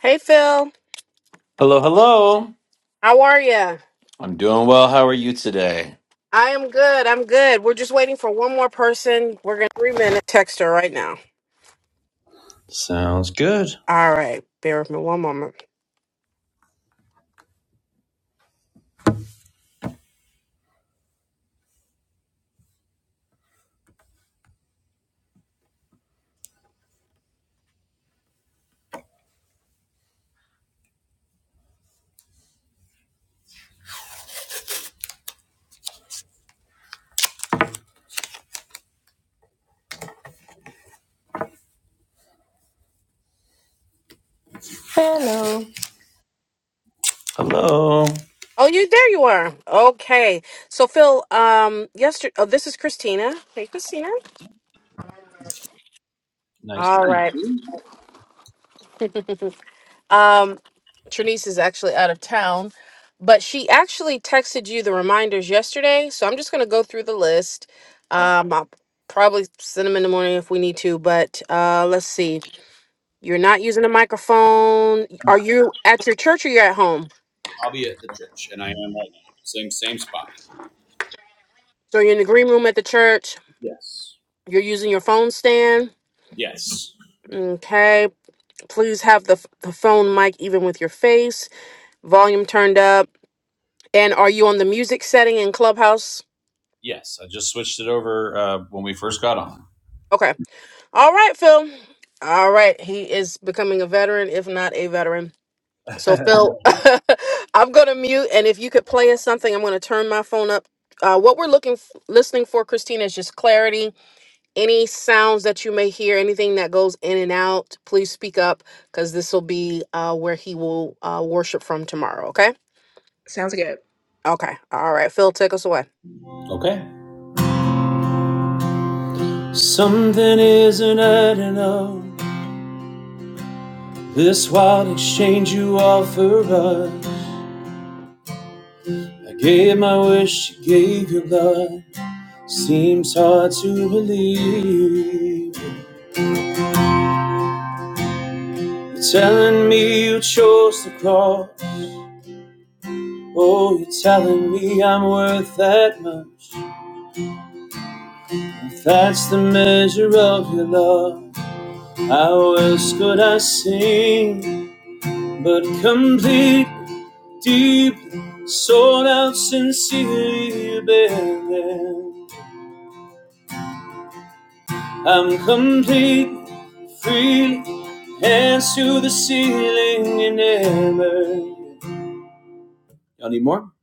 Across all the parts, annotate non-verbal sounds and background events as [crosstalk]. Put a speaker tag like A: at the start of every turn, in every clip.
A: Hey Phil,
B: Hello, hello.
A: how are ya?
B: I'm doing well. How are you today?
A: I am good. I'm good. We're just waiting for one more person. We're gonna three minute text her right now.
B: Good.
A: All right, bear with me one moment.
C: Hello.
B: Hello.
A: Oh, you there? You are okay. So Phil, um, yesterday. Oh, this is Christina. Hey, Christina.
B: Nice to
A: All
B: meet
A: right.
B: you.
A: Um, Trinice is actually out of town, but she actually texted you the reminders yesterday. So I'm just gonna go through the list. Um, I'll probably send them in the morning if we need to. But uh, let's see. You're not using a microphone. Are you at your church or you're at home?
B: I'll be at the church, and I am at the same same spot.
A: So you're in the green room at the church.
B: Yes.
A: You're using your phone stand.
B: Yes.
A: Okay. Please have the, the phone mic even with your face, volume turned up. And are you on the music setting in Clubhouse?
B: Yes. I just switched it over uh, when we first got on.
A: Okay. All right, Phil. All right. He is becoming a veteran, if not a veteran. So, Phil, [laughs] I'm going to mute. And if you could play us something, I'm going to turn my phone up. Uh, what we're looking, f- listening for, Christina, is just clarity any sounds that you may hear, anything that goes in and out, please speak up because this will be uh, where he will uh, worship from tomorrow. Okay.
C: Sounds good.
A: Okay. All right. Phil, take us away.
B: Okay. Something isn't adding up. This wild exchange you offer us. I gave my wish, you gave your blood. Seems hard to believe. You're telling me you chose the cross. Oh, you're telling me I'm worth that much. If that's the measure of your love, how else could I sing? But complete, deeply, sold out, sincerely, you bear there. I'm complete, free, hands to the ceiling and never. Y'all need more?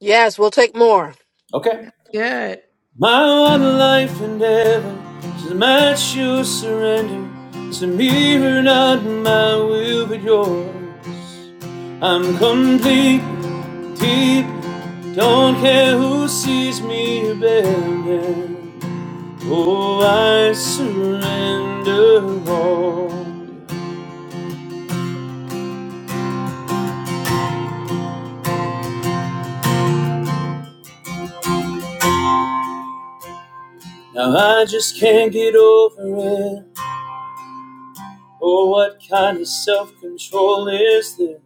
A: Yes, we'll take more.
B: Okay.
C: Good.
B: My one life and ever is a match your surrender to me, or not my will, but yours. I'm complete, deep, don't care who sees me abandoned. Oh, I surrender all. Now I just can't get over it. Oh, what kind of self control is this?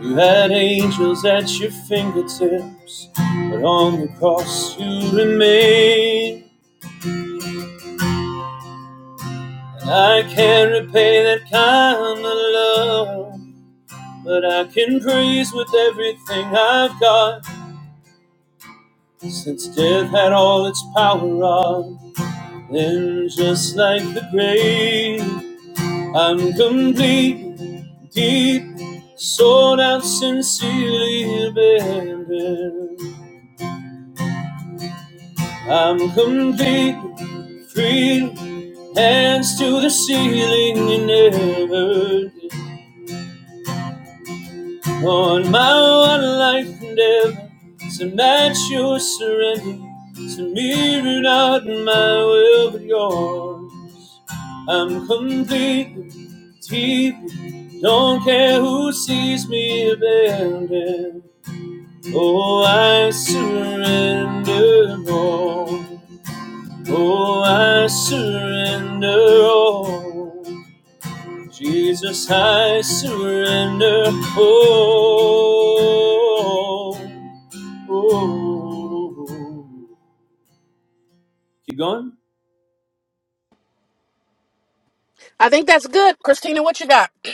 B: You had angels at your fingertips, but on the cross you remain. And I can't repay that kind of love, but I can praise with everything I've got. Since death had all its power on, then just like the grave, I'm complete, deep, sold out, sincerely abandoned. I'm complete, free. Hands to the ceiling and never did. on my one life endeavor to match your surrender to mirror not my will but yours I'm completely deeply don't care who sees me abandoned oh I surrender all oh I surrender all Jesus, I surrender. Oh, oh, oh. Keep going?
A: I think that's good. Christina, what you got? [clears throat]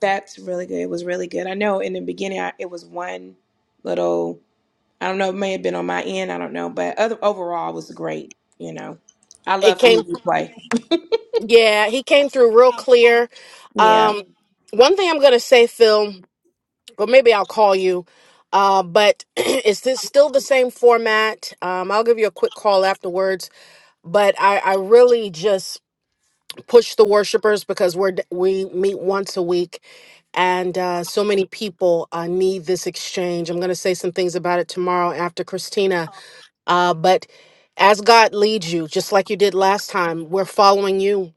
C: That's really good. It was really good. I know in the beginning I, it was one little, I don't know, it may have been on my end. I don't know. But other, overall, it was great. You know, I
A: it
C: love to
A: came.
C: hear you play.
A: Yeah, he came through real clear.
C: Yeah.
A: Um, one thing I'm going to say, Phil, or maybe I'll call you. Uh, but [clears throat] it's this still the same format? Um, I'll give you a quick call afterwards. But I, I really just push the worshipers because we're we meet once a week and uh, so many people uh, need this exchange i'm going to say some things about it tomorrow after christina uh, but as god leads you just like you did last time we're following you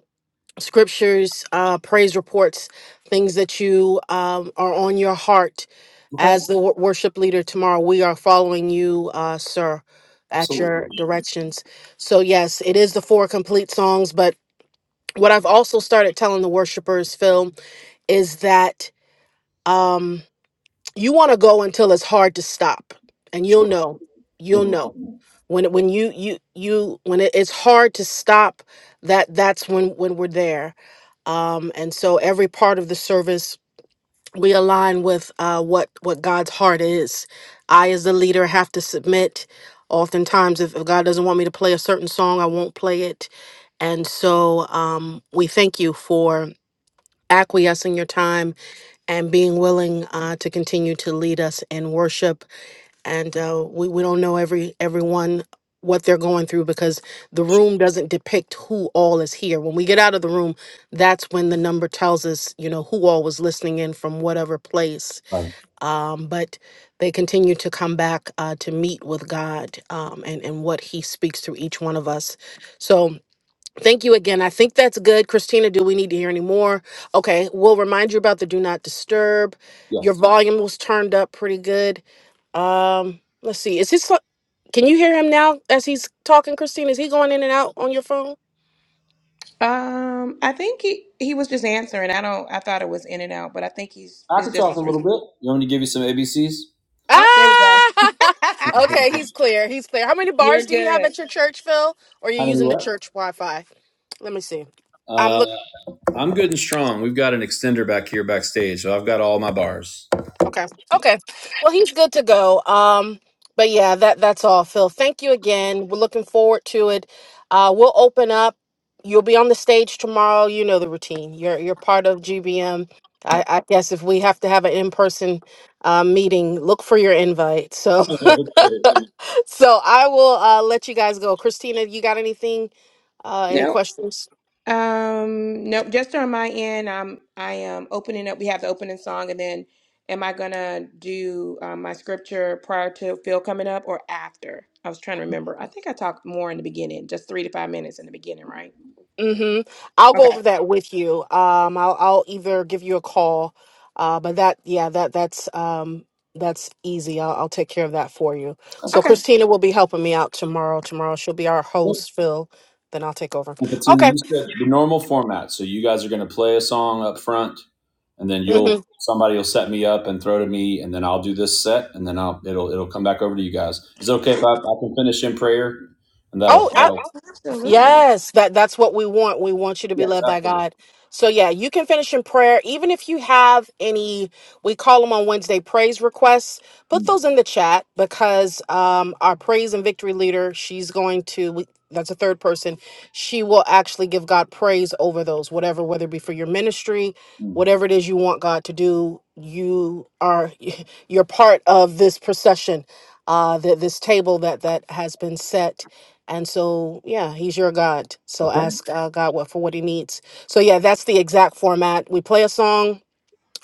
A: scriptures uh, praise reports things that you um, are on your heart
B: Okay,
A: as the wor- worship leader tomorrow we are following you uh, sir at
B: absolutely.
A: your directions so yes it is the four complete songs but what I've also started telling the worshipers, Phil, is that um, you want to go until it's hard to stop, and you'll
B: Sure.
A: know, you'll
B: Mhm.
A: know when it- when you you you when it, it's hard to stop. That that's when when we're there. Um, and so every part of the service we align with uh, what what God's heart is. I, as the leader, have to submit. Oftentimes, if, if God doesn't want me to play a certain song, I won't play it. And so um, we thank you for acquiescing your time and being willing uh, to continue to lead us in worship. And uh, we, we don't know every everyone what they're going through because the room doesn't depict who all is here. When we get out of the room, that's when the number tells us, you know, who all was listening in from whatever place.
B: Fine.
A: Um, but they continue to come back uh, to meet with God um, and, and what He speaks through each one of us. So, Thank you again. I think that's good. Christina, do we need to hear any more? Okay, we'll remind you about the do not disturb. Your
B: Yes.
A: volume was turned up pretty good. Um, let's see. Is his can you hear him now as he's talking, Christina? Is he going in and out on your phone?
C: Um, I think he, he was just answering. I don't, I thought it was in and out, but I think he's,
B: I can
C: it's just,
B: talk a
C: his, re-
B: little bit. You want me to give you some ABCs?
C: oh, there we go.
A: Ah [laughs] okay, he's
C: [laughs]
A: clear. He's clear. How many
C: You're
A: bars do you have
C: good.
A: at your church, Phil? Or you're
B: How many
A: using the
B: what?
A: church Wi Fi? Let me see. I'm looking.
B: Uh, I'm good and strong. We've got an extender back here backstage, so I've got all my bars. [laughs]
A: Okay. Okay. Well, he's good to go. Um, but yeah, that that's all, Phil. Thank you again. We're looking forward to it. Uh, we'll open up. You'll be on the stage tomorrow. You know the routine. You're you're part of GBM. I, I guess if we have to have an in-person uh, meeting, look for your invite. So
B: Okay.
A: [laughs] so I will uh, let you guys go. Christina, you got anything? Uh, any
C: No
A: questions?
C: Um, no, just on my end, um, I am opening up. We have the opening song, and then am I gonna do um, my scripture prior to Phil coming up or after? I was trying to remember. I think I talked more in the beginning, just three to five minutes in the beginning, right?
A: Mm-hmm. I'll go
C: Okay.
A: over that with you. Um, I'll I'll either give you a call, uh, but that yeah that that's um that's easy. I'll I'll take care of that for you. So
C: Okay.
A: Christina will be helping me out tomorrow. Tomorrow she'll be our host, Phil. Then I'll take over.
B: And Fatima,
A: Okay.
B: you said the normal format. So you guys are going to play a song up front, and then you'll
A: Mm-hmm.
B: somebody will set me up and throw to me, and then I'll do this set, and then I'll it'll it'll come back over to you guys. Is it okay if I, I can finish in prayer, and that'll,
A: Oh, I,
B: that'll
C: Absolutely.
A: Yes, that that's what we want. We want you to be
B: yes,
A: led by
B: absolutely.
A: God. So yeah, you can finish in prayer. Even if you have any, we call them on Wednesday praise requests. Put
B: mm
A: those in the chat because um, our praise and victory leader, she's going to. We, that's a third person. She will actually give God praise over those, whatever, whether it be for your ministry,
B: mm.
A: whatever it is you want God to do. You are [laughs] you're part of this procession, uh, th- this table that that has been set and so, yeah, he's your God. So
B: Okay,
A: ask uh, God what for what he needs. So yeah, that's the exact format. We play a song.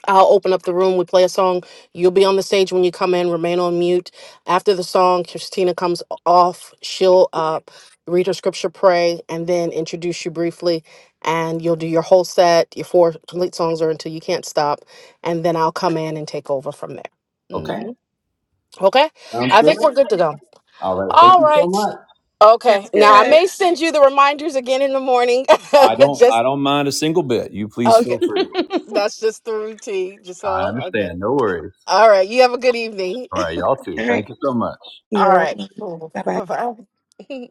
A: I'll open up the room. We play a song. You'll be on the stage when you come in. Remain on mute. After the song, Christina comes off. She'll up, read her scripture, pray, and then introduce you briefly. And you'll do your whole set, your four complete songs, or until you can't stop. And then I'll come in and take over from there.
B: okay,
A: hmm Okay,
B: sounds
A: I think we're
B: good.
A: good to go.
B: All right, thank
A: All
B: you so
A: right.
B: much.
A: Okay.
C: Sounds
A: Now I
C: good.
A: may send you the reminders again in the morning.
B: I
A: [laughs]
B: don't I
A: just
B: don't mind a single bit. You please feel
A: okay.
B: free.
A: That's just the routine. Just
B: I
A: well. Okay.
B: understand. No worries.
A: All right. You have a good evening.
B: All right, y'all too.
C: All right.
B: Thank you so much.
A: [laughs] All
C: You're
A: right.
C: welcome.
A: Cool.
C: Bye bye.
A: Bye bye. [laughs]